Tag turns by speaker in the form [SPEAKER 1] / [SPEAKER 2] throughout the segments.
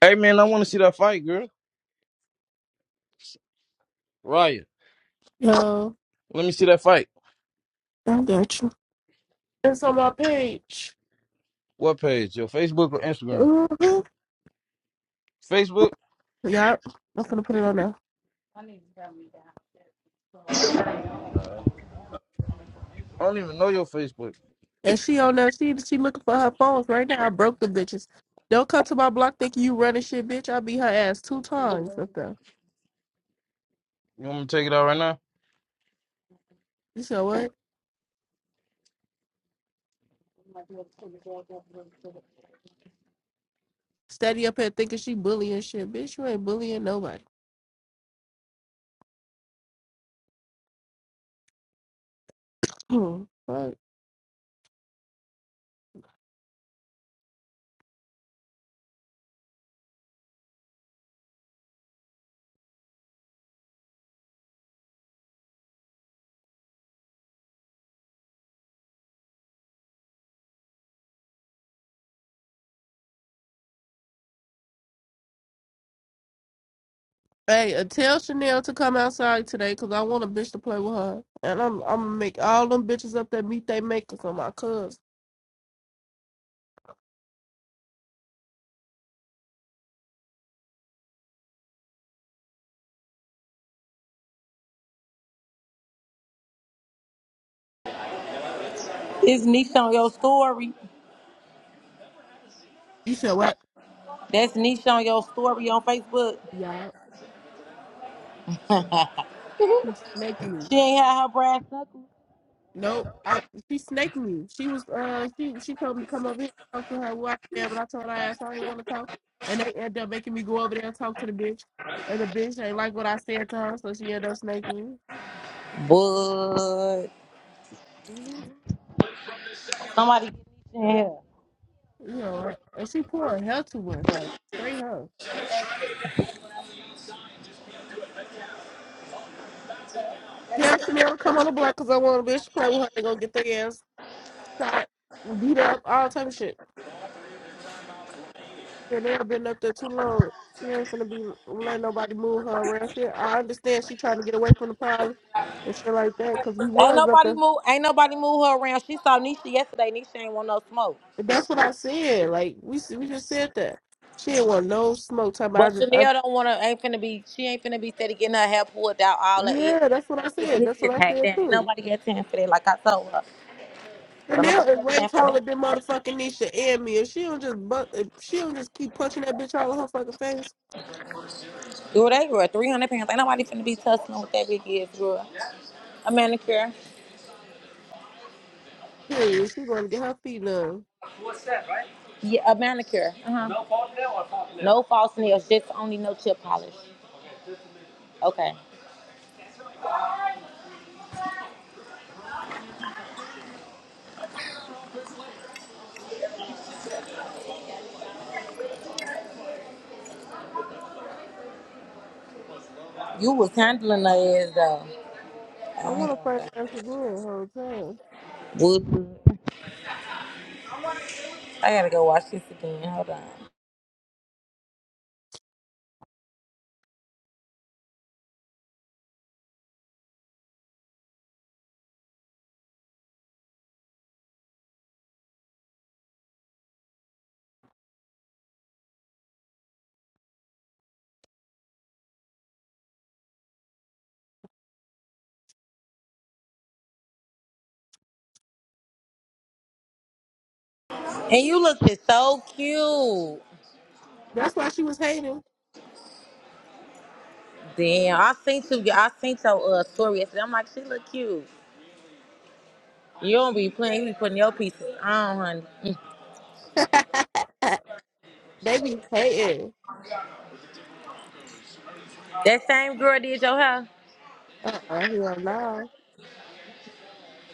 [SPEAKER 1] Hey man, I want to see that fight, girl. Riot.
[SPEAKER 2] Yo,
[SPEAKER 1] Let me see that fight.
[SPEAKER 2] I got you. It's on my page.
[SPEAKER 1] What page? Your Facebook or Instagram?
[SPEAKER 2] hmm
[SPEAKER 1] Facebook.
[SPEAKER 2] Yup. I'm gonna put it on there.
[SPEAKER 1] All right. I don't even know your Facebook.
[SPEAKER 2] And she on there. She she looking for her phones right now. I broke the bitches. Don't come to my block thinking you running shit, bitch. I beat her ass two times up there.
[SPEAKER 1] You want me to take it out right now?
[SPEAKER 2] You said what? Steady up here thinking she bullying shit, bitch. You ain't bullying nobody. Hmm. Right. Hey, uh, tell Chanel to come outside today, cause I want a bitch to play with her, and I'm I'm gonna make all them bitches up there meet they makers on my cuz.
[SPEAKER 3] It's Nisha on your story.
[SPEAKER 2] You said what?
[SPEAKER 3] That's Nisha on your story on Facebook.
[SPEAKER 2] Yeah, snake me.
[SPEAKER 3] She ain't had her brass knuckles.
[SPEAKER 2] Nope. I, she snaked me. She was uh she she told me to come over here and talk to her while there, but I told her ass I didn't want to talk. And they ended up making me go over there and talk to the bitch. And the bitch ain't like what I said to her, so she ended up snaking me.
[SPEAKER 3] But
[SPEAKER 2] Mhm.
[SPEAKER 3] somebody get Nisha in here.
[SPEAKER 2] You know, and she pouring hell too much, like straight hell. Yeah, Samira, come on the block because I want a bitch to play with her. They gonna get their ass shot, beat up, all type of shit. Yeah, they have been up there too long. She ain't gonna be let nobody move her around here. I understand she trying to get away from the problem and shit like that. Cause we
[SPEAKER 3] Ain't
[SPEAKER 2] was up
[SPEAKER 3] nobody
[SPEAKER 2] there.
[SPEAKER 3] move. Ain't nobody move her around. She saw Nisha yesterday. Nisha ain't want no smoke.
[SPEAKER 2] And that's what I said. Like we s- we just said that. She didn't want no smoke. Talking about
[SPEAKER 3] But
[SPEAKER 2] I just I,
[SPEAKER 3] Chanel don't want to. Ain't finna be. She ain't finna be steady getting her hair pulled out all her eggs.
[SPEAKER 2] yeah, that's what I
[SPEAKER 3] Cause
[SPEAKER 2] said. That's
[SPEAKER 3] bitches
[SPEAKER 2] what I
[SPEAKER 3] hate
[SPEAKER 2] said
[SPEAKER 3] that. Ain't
[SPEAKER 2] too.
[SPEAKER 3] nobody got time for that. Like I told her. Don't nobody
[SPEAKER 2] Chanel is
[SPEAKER 3] got
[SPEAKER 2] way
[SPEAKER 3] time for
[SPEAKER 2] taller
[SPEAKER 3] that.
[SPEAKER 2] than motherfucking Nisha and me. If she don't just bu- if she don't just keep punching that bitch all in her fucking face,
[SPEAKER 3] Girl, they were 300 pounds. Ain't nobody finna be tussling with that big ass girl. A manicure.
[SPEAKER 2] period. She gonna get her feet done.
[SPEAKER 3] Two step, right? Yeah, a manicure. Uh huh. No false nail or false nail? No false nails, just only no chip polish. Okay. You was handling her ass though.
[SPEAKER 2] I
[SPEAKER 3] I ain't
[SPEAKER 2] want to
[SPEAKER 3] gonna
[SPEAKER 2] fight
[SPEAKER 3] lie.
[SPEAKER 2] ass again, the whole time.
[SPEAKER 3] Whoop. I gotta go watch this again. Hold on. And you looked so cute.
[SPEAKER 2] That's why she was hating.
[SPEAKER 3] Damn, I seen you. I seen your uh, story yesterday. I'm like, she look cute. You don't be playing. You be putting your pieces on, honey.
[SPEAKER 2] They be hating.
[SPEAKER 3] That same girl did your hair.
[SPEAKER 2] Uh-uh, hell no.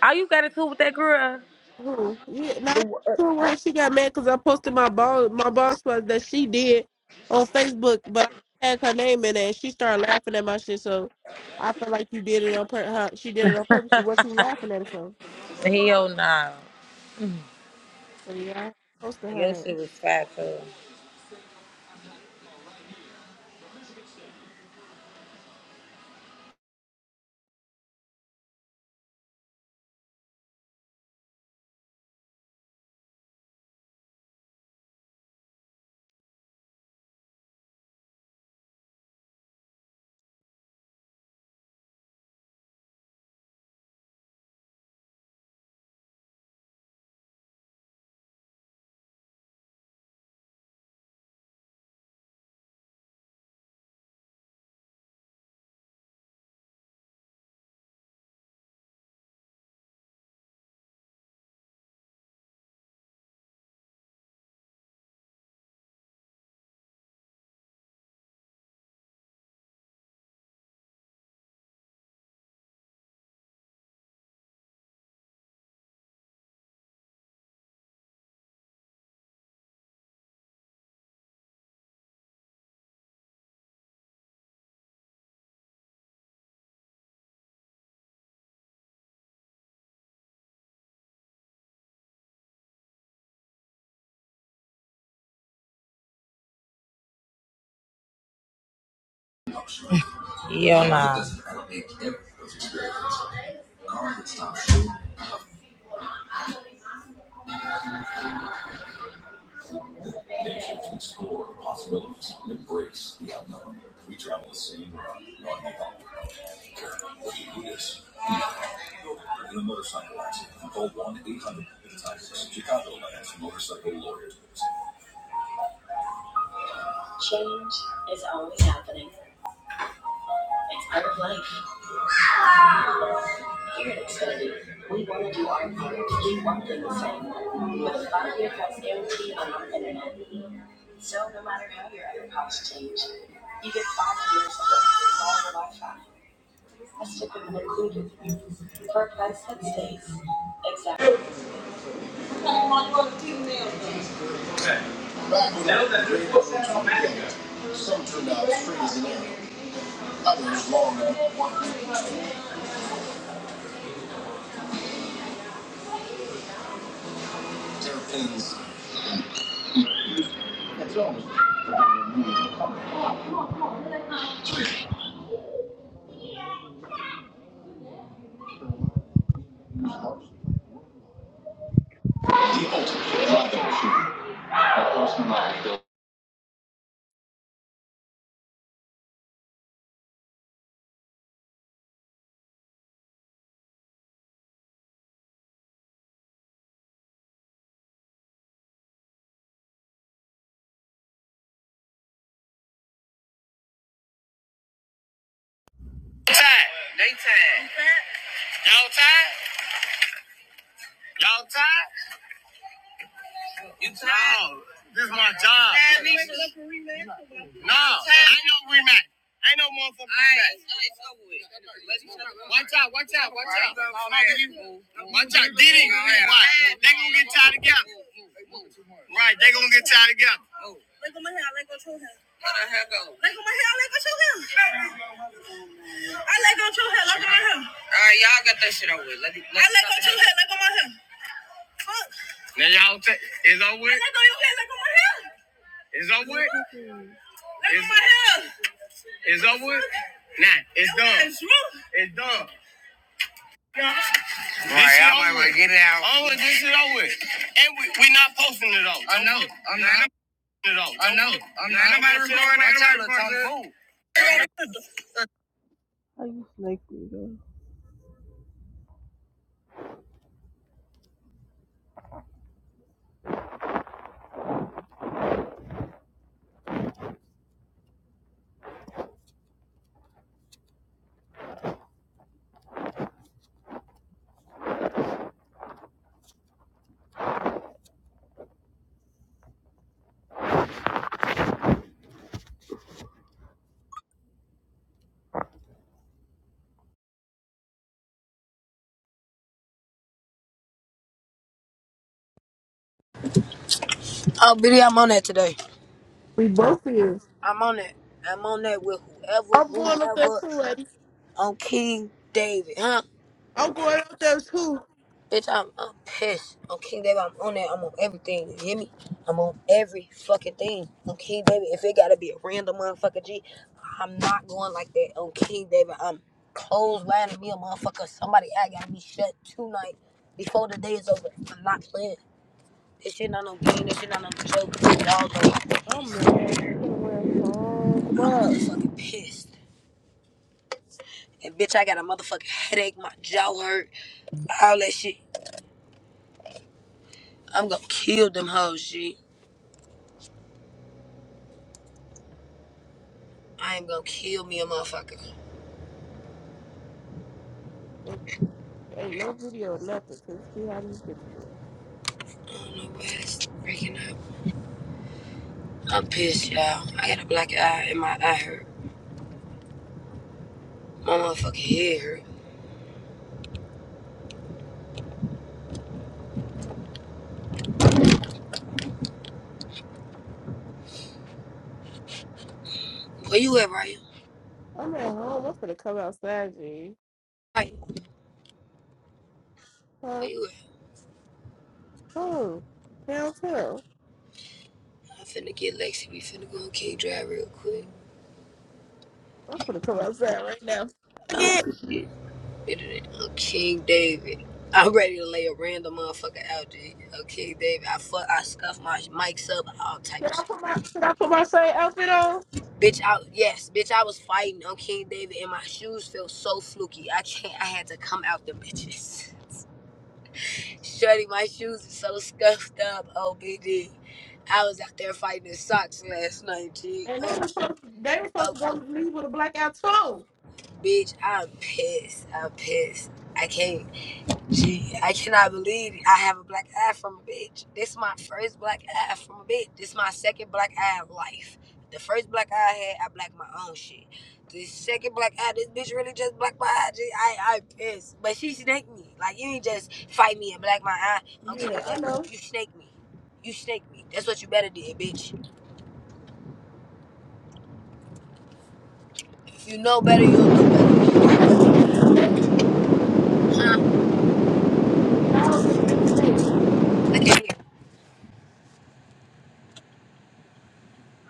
[SPEAKER 3] All you got to do with that girl?
[SPEAKER 2] Who? Yeah, no. So why she got mad because I posted my boss, my boss was that she did on Facebook, but I had her name in it. And she started laughing at my shit, so I feel like you did it on pur- her, She did it on purpose. What you laughing at her for?
[SPEAKER 3] Hell no.
[SPEAKER 2] So yeah, I posted
[SPEAKER 3] Your
[SPEAKER 2] her.
[SPEAKER 3] shit was fat too. Yo, nah. Change is always happening. It's part of life. study. We want to do our thing. We want them to say, but if I'm here because empty, I'm not So no matter how your other costs change, you get five years of unlimited Wi-Fi. That's typically included for a price that stays exactly. Now that the football manager, Some turned out free as an arrow, others long and terrapins. That's almost. the ultimate driver.
[SPEAKER 2] Tired. They tired. Y'all tired? Y'all tired? It's no, this is my job. No, I know rematch. I know motherfucking rematch. All right, It's over with. Watch out, watch out, watch out. Watch out, Diddy. Watch. They gonna get tied together. Right, they gonna get tied together. All right, y'all got that shit over with. Let it, let now y'all take it's over with. It's over with. It's, over with. it's over with. Nah, it's done. It's done. All right, I'm gonna get it out. Over, this is over. And we we not posting it all. I know. I'm not. It all. I know. I'm not. Nobody recording. Ain't nobody recording. I just like you though.
[SPEAKER 4] Oh, Biddy, I'm on that today.
[SPEAKER 2] We both is.
[SPEAKER 4] I'm on that. I'm on that with whoever,
[SPEAKER 2] I'm going up there
[SPEAKER 4] whomever,
[SPEAKER 2] too, Eddie.
[SPEAKER 4] on King David, huh?
[SPEAKER 2] I'm going up there too.
[SPEAKER 4] Bitch, I'm, I'm pissed. On King David, I'm on that. I'm on everything. You hear me? I'm on every fucking thing. On King David, if it gotta be a random motherfucker G, I'm not going like that. On King David, I'm closed lining me a motherfucker. Somebody I gotta be shut tonight before the day is over. I'm not playing. This shit not no game. This shit not no joke. Y'all know i
[SPEAKER 2] Oh
[SPEAKER 4] pissed.
[SPEAKER 2] man, you should have went
[SPEAKER 4] I'm
[SPEAKER 2] home up.
[SPEAKER 4] motherfucking pissed. And bitch, I got a motherfucking headache, my jaw hurt, all that shit. I'm gonna kill them hoes, G. I am gonna kill me a motherfucker.
[SPEAKER 2] And ain't no video or nothing to see how these bitches look.
[SPEAKER 4] I don't know why it's freaking out. I'm pissed, y'all. I got a black eye and my eye hurt. My motherfucking head hurt. Where you at, Ryan?
[SPEAKER 2] I'm at home. I'm gonna come outside, G.
[SPEAKER 4] Ryan, where
[SPEAKER 2] Huh?
[SPEAKER 4] you at?
[SPEAKER 2] Oh, downtown.
[SPEAKER 4] I'm finna get Lexi. We finna go on King Drive real quick.
[SPEAKER 2] I'm gonna come outside right now. Fuck
[SPEAKER 4] I'm
[SPEAKER 2] it.
[SPEAKER 4] better than on King David. I'm ready to lay a random motherfucker out, G. On King David. I fuck, I scuff my mics up, all type of
[SPEAKER 2] Should
[SPEAKER 4] shit.
[SPEAKER 2] I put my should I put my same outfit on?
[SPEAKER 4] Bitch, I yes, bitch, I was fighting on King David and my shoes felt so fluky. I can't I had to come out them bitches. Shorty, my shoes is so scuffed up, OBD. I was out there fighting in socks last night, G.
[SPEAKER 2] And they
[SPEAKER 4] Oh,
[SPEAKER 2] were supposed to, they were supposed
[SPEAKER 4] oh
[SPEAKER 2] to go leave with a blackout too.
[SPEAKER 4] bitch, I'm pissed. I'm pissed. I can't. Gee, I cannot believe I have a black eye from a bitch. This is my first black eye from a bitch. This is my second black eye in life. The first black eye I had, I blacked my own shit. The second black eye, this bitch really just blacked my eye. Gee, I, I pissed. But she snaked me. Like, you ain't just fight me and black my eye.
[SPEAKER 2] Yeah,
[SPEAKER 4] Okay,
[SPEAKER 2] I
[SPEAKER 4] baby,
[SPEAKER 2] know.
[SPEAKER 4] you snaked me. You snaked me. That's what you better did, bitch. If you know better, you'll know
[SPEAKER 2] Why was we
[SPEAKER 4] better.
[SPEAKER 2] getting snaked? We all just getting snaked.
[SPEAKER 4] Look at here.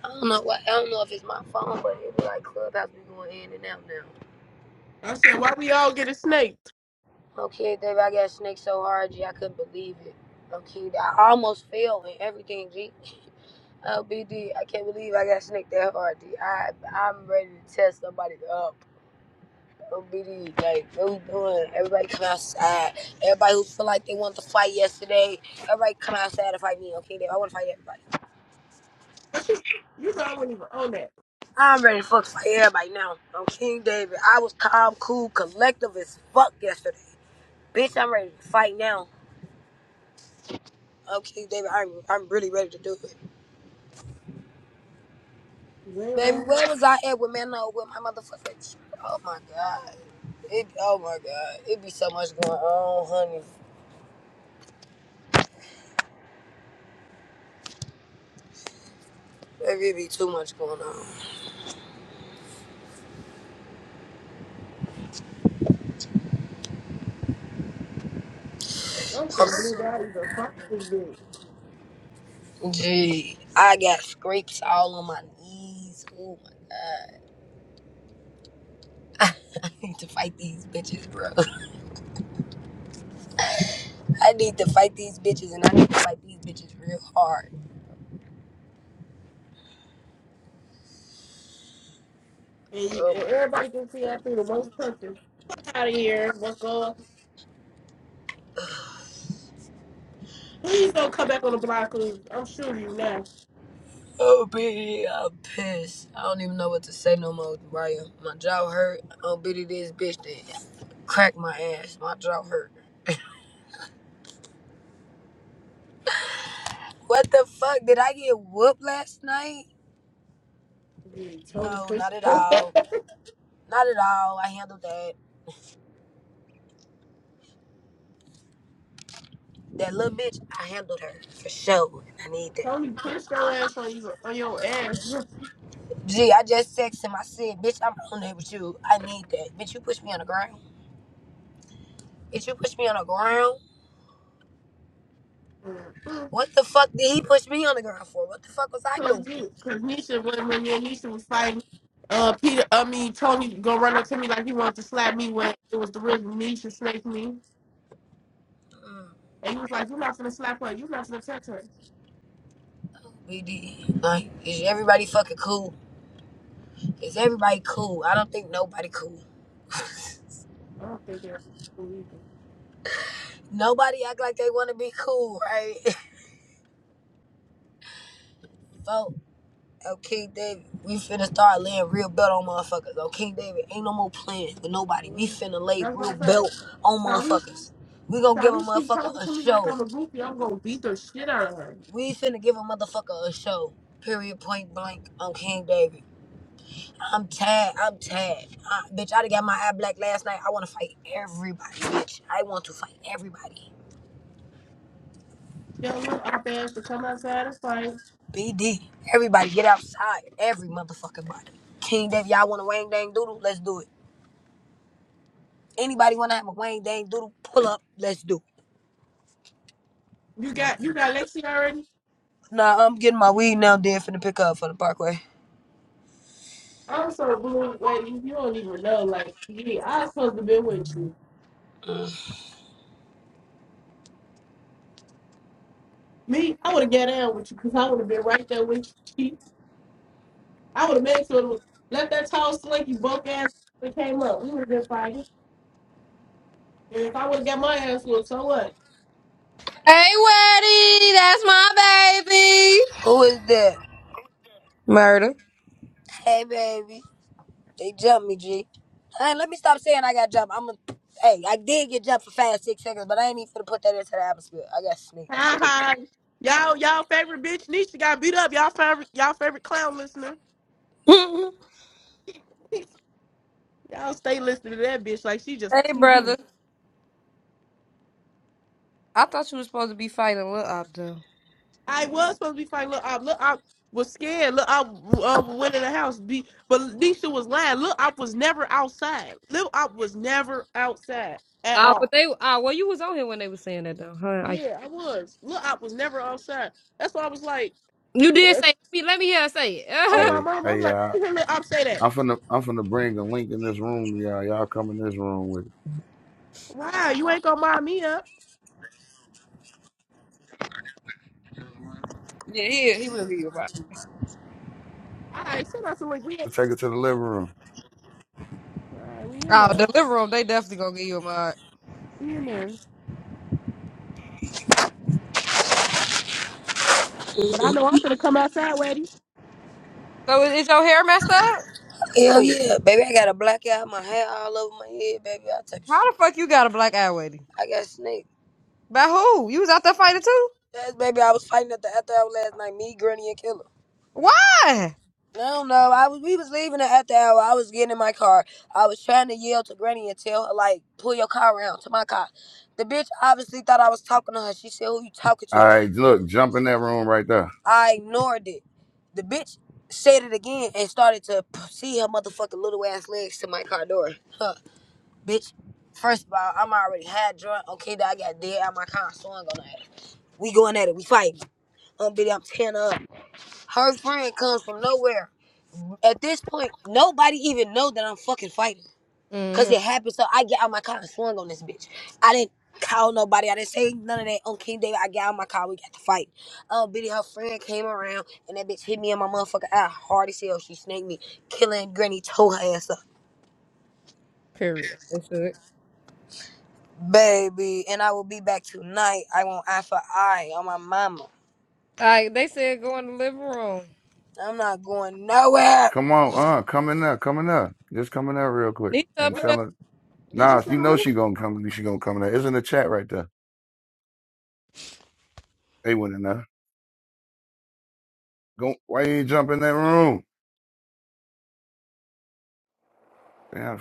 [SPEAKER 4] I don't know what, I don't know if it's my phone, but it be like Clubhouse be going in and out now.
[SPEAKER 2] I said, why we all getting snaked?
[SPEAKER 4] Okay, Dave. I got snaked so hard, G, I couldn't believe it. Okay, I almost failed in everything, G. Oh, BD, I can't believe I got snaked that hard, D. I, I'm ready to test somebody up. Oh, BD, like, what we doing? Everybody come outside. Everybody who feel like they want to fight yesterday, everybody come outside to fight me, okay, Dave? I want to fight everybody.
[SPEAKER 2] But you, you know I wasn't even own that.
[SPEAKER 4] I'm ready to fuck fight everybody now. I'm King David. I was calm, cool, collective as fuck yesterday. Bitch, I'm ready to fight now. Okay, David, I'm, I'm really ready to do it. Baby,
[SPEAKER 2] Zero.
[SPEAKER 4] where was I at with man? No, with my motherfucker. Oh my god. It, oh my god. It be so much going on, honey. Baby, it be too much going on.
[SPEAKER 2] I'm
[SPEAKER 4] I'm
[SPEAKER 2] from Blue
[SPEAKER 4] so-
[SPEAKER 2] Dot. You the this bitch.
[SPEAKER 4] Gee, I got scrapes all on my knees. Oh my god. I need to fight these bitches, bro. I need to fight these bitches and I need to fight these bitches real hard.
[SPEAKER 2] And, you,
[SPEAKER 4] Oh
[SPEAKER 2] and
[SPEAKER 4] my
[SPEAKER 2] everybody can see I threw the most punches. Fuck out of here. What's up? Please don't come back on the block. Please. I'm shooting you now.
[SPEAKER 4] Oh baby, I'm pissed. I don't even know what to say no more, Brian. My jaw hurt. Oh bitty, this bitch that cracked my ass. My jaw hurt. What the fuck? Did I get whooped last night?
[SPEAKER 2] You Tony
[SPEAKER 4] No,
[SPEAKER 2] pushed
[SPEAKER 4] not at all. Not at all. I handled that. That little bitch, I handled her for sure. I need that.
[SPEAKER 2] Tony pushed your ass on you on your ass.
[SPEAKER 4] Gee, I just texted him. I said, bitch, I'm on there with you. I need that. Bitch, you push me on the ground. Bitch, you push me on the ground.
[SPEAKER 2] Mm,
[SPEAKER 4] What the fuck did he push me on the ground for? What the fuck was I doing?
[SPEAKER 2] Cause you, cause Nisha when when me and Nisha was fighting, uh, Peter, I mean Tony, gonna run up to me like he wanted to slap me when it was the real Nisha snaked me,
[SPEAKER 4] Mm,
[SPEAKER 2] and he was like, "You're not gonna slap her. You're not gonna touch her."
[SPEAKER 4] we did. like, is everybody fucking cool? Is everybody cool? I don't think nobody cool.
[SPEAKER 2] I don't think it illegal.
[SPEAKER 4] Nobody act like they want to be cool, right? So Oh, King David, we finna start laying real belt on motherfuckers. Oh, King David, ain't no more playing with nobody. We
[SPEAKER 2] Mm,
[SPEAKER 4] finna lay
[SPEAKER 2] That's what
[SPEAKER 4] real
[SPEAKER 2] I said.
[SPEAKER 4] belt on
[SPEAKER 2] Sharice,
[SPEAKER 4] motherfuckers. We gonna give a
[SPEAKER 2] Sharice keep
[SPEAKER 4] motherfucker
[SPEAKER 2] talking
[SPEAKER 4] a
[SPEAKER 2] to me like
[SPEAKER 4] show.
[SPEAKER 2] I'm a goofy. I'm gonna beat the shit out of her.
[SPEAKER 4] We finna give a motherfucker a show. Period, point blank, on King David. I'm tired. I'm tired. I, bitch, I done got my eye black last night. I wanna fight everybody, bitch. I want to fight everybody.
[SPEAKER 2] Tell her op ass to come outside and fight.
[SPEAKER 4] BD, everybody get outside. Every motherfucking body. King David, y'all wanna wang dang doodle? Let's do it. Anybody wanna have a Wayne Dang doodle pull up? Let's do. it.
[SPEAKER 2] You got you got Lexi already.
[SPEAKER 4] Nah, I'm getting my weed now. Then finna pick up for the Parkway.
[SPEAKER 2] I'm so blue, lady. You don't even know. Like, yeah, I was supposed to be with you.
[SPEAKER 4] Mm.
[SPEAKER 2] Me, I would have got out with you because I would have been right there with you. Chief. I would have made sure to let that tall, slinky, bunk ass that came up. We would have been fighting. And if I would have got my ass whooped, so what?
[SPEAKER 5] Hey, Weddy, that's my baby.
[SPEAKER 4] Who is that?
[SPEAKER 5] Murder.
[SPEAKER 4] Hey, baby. They jumped me, G. Hey, let me stop saying I got jumped. I'm a. Hey, I did get jumped for five, six seconds, but I ain't even finna put that into the atmosphere. I got snaked.
[SPEAKER 2] Ha ha. Y'all, y'all favorite bitch Nisha got beat up. Y'all favorite, y'all favorite clown listener.
[SPEAKER 5] hey,
[SPEAKER 2] y'all stay listening to that bitch like she just
[SPEAKER 5] brother.
[SPEAKER 2] TV.
[SPEAKER 5] I thought you was supposed to be fighting Lil Op though.
[SPEAKER 2] I was supposed to be fighting. Look, I look, I was scared. Look, I uh, went in the house. Be, but Nisha was lying. Look, I was never outside. Look, I was never outside at
[SPEAKER 5] Oh,
[SPEAKER 2] all.
[SPEAKER 5] but they. Ah, well, you was on here when they was saying that though, huh? Like
[SPEAKER 2] Yeah, I was. Lil Op was never outside. That's why I was like,
[SPEAKER 5] you did say.
[SPEAKER 2] yes.
[SPEAKER 5] Let me, let me hear her say it.
[SPEAKER 2] oh my
[SPEAKER 6] Hey,
[SPEAKER 2] mom, I'm
[SPEAKER 6] hey,
[SPEAKER 2] like,
[SPEAKER 6] y'all.
[SPEAKER 2] you hear Lil Op say that?
[SPEAKER 6] I'm finna, I'm finna bring a link in this room, y'all. Y'all come in this room with
[SPEAKER 2] Wow, you ain't gonna mind me up.
[SPEAKER 5] yeah, he he would have you a mod.
[SPEAKER 2] All right, so I said, like, we, ain't-
[SPEAKER 6] it. Take it to the living room.
[SPEAKER 2] all right, we in
[SPEAKER 5] Oh,
[SPEAKER 2] there,
[SPEAKER 5] deliver them. They definitely gonna give you a mod.
[SPEAKER 2] we in there. But I know I'm gonna come outside, Waddy.
[SPEAKER 5] So is, is your hair messed up?
[SPEAKER 4] Hell
[SPEAKER 2] Oh,
[SPEAKER 4] yeah, baby. I got a blackout. My hair all over my head, baby. I type of
[SPEAKER 5] How
[SPEAKER 4] shit.
[SPEAKER 5] the fuck you got a black eye, Weddy?
[SPEAKER 4] I got snaked.
[SPEAKER 5] By who? You was out there fighting too?
[SPEAKER 4] Yes, baby. I was fighting at the after hour last night. Me, Granny, and Killer.
[SPEAKER 5] Why?
[SPEAKER 4] No, no. I was we was leaving it at the hour. I was getting in my car. I was trying to yell to Granny and tell her like, pull your car around to my car. The bitch obviously thought I was talking to her. She said, "Who you talking
[SPEAKER 6] All
[SPEAKER 4] to?"
[SPEAKER 6] right, look, jump in that room right there.
[SPEAKER 4] I ignored it. The bitch said it again and started to p- see her motherfucking little ass legs to my car door. Huh, bitch. First of all, I'm already had drunk. Okay, that I got dead out my car, so I'm We going at it. We fighting. Um, bitch, I'm tearing her up. Her friend comes from nowhere. At this point, nobody even know that I'm fucking fighting. Cause
[SPEAKER 5] Mm-hmm.
[SPEAKER 4] it happened. So I get out my car and swung on this bitch. I didn't call nobody. I didn't say none of that on King David. I get out my car. We got to fight. Oh, Biddy, her friend came around and that bitch hit me in my motherfucker eye hard as hell. She snaked me, killing Granny, tore her ass up.
[SPEAKER 5] Period. They said.
[SPEAKER 4] Baby, and I will be back tonight. I want eye for eye on my mama.
[SPEAKER 5] All right, they said go in the living room.
[SPEAKER 4] I'm not going nowhere.
[SPEAKER 6] Come on, uh, come in there, come in there. Just come in there real quick
[SPEAKER 5] Nisha up
[SPEAKER 6] and
[SPEAKER 5] in
[SPEAKER 2] what?
[SPEAKER 6] tell
[SPEAKER 5] there
[SPEAKER 6] her.
[SPEAKER 2] Did you
[SPEAKER 6] Nah, you
[SPEAKER 2] send a
[SPEAKER 6] know
[SPEAKER 2] link?
[SPEAKER 6] she gonna come. She gonna come in there. It's in the chat right there. They went in there. Go. Why you ain't jump in that room? Yeah.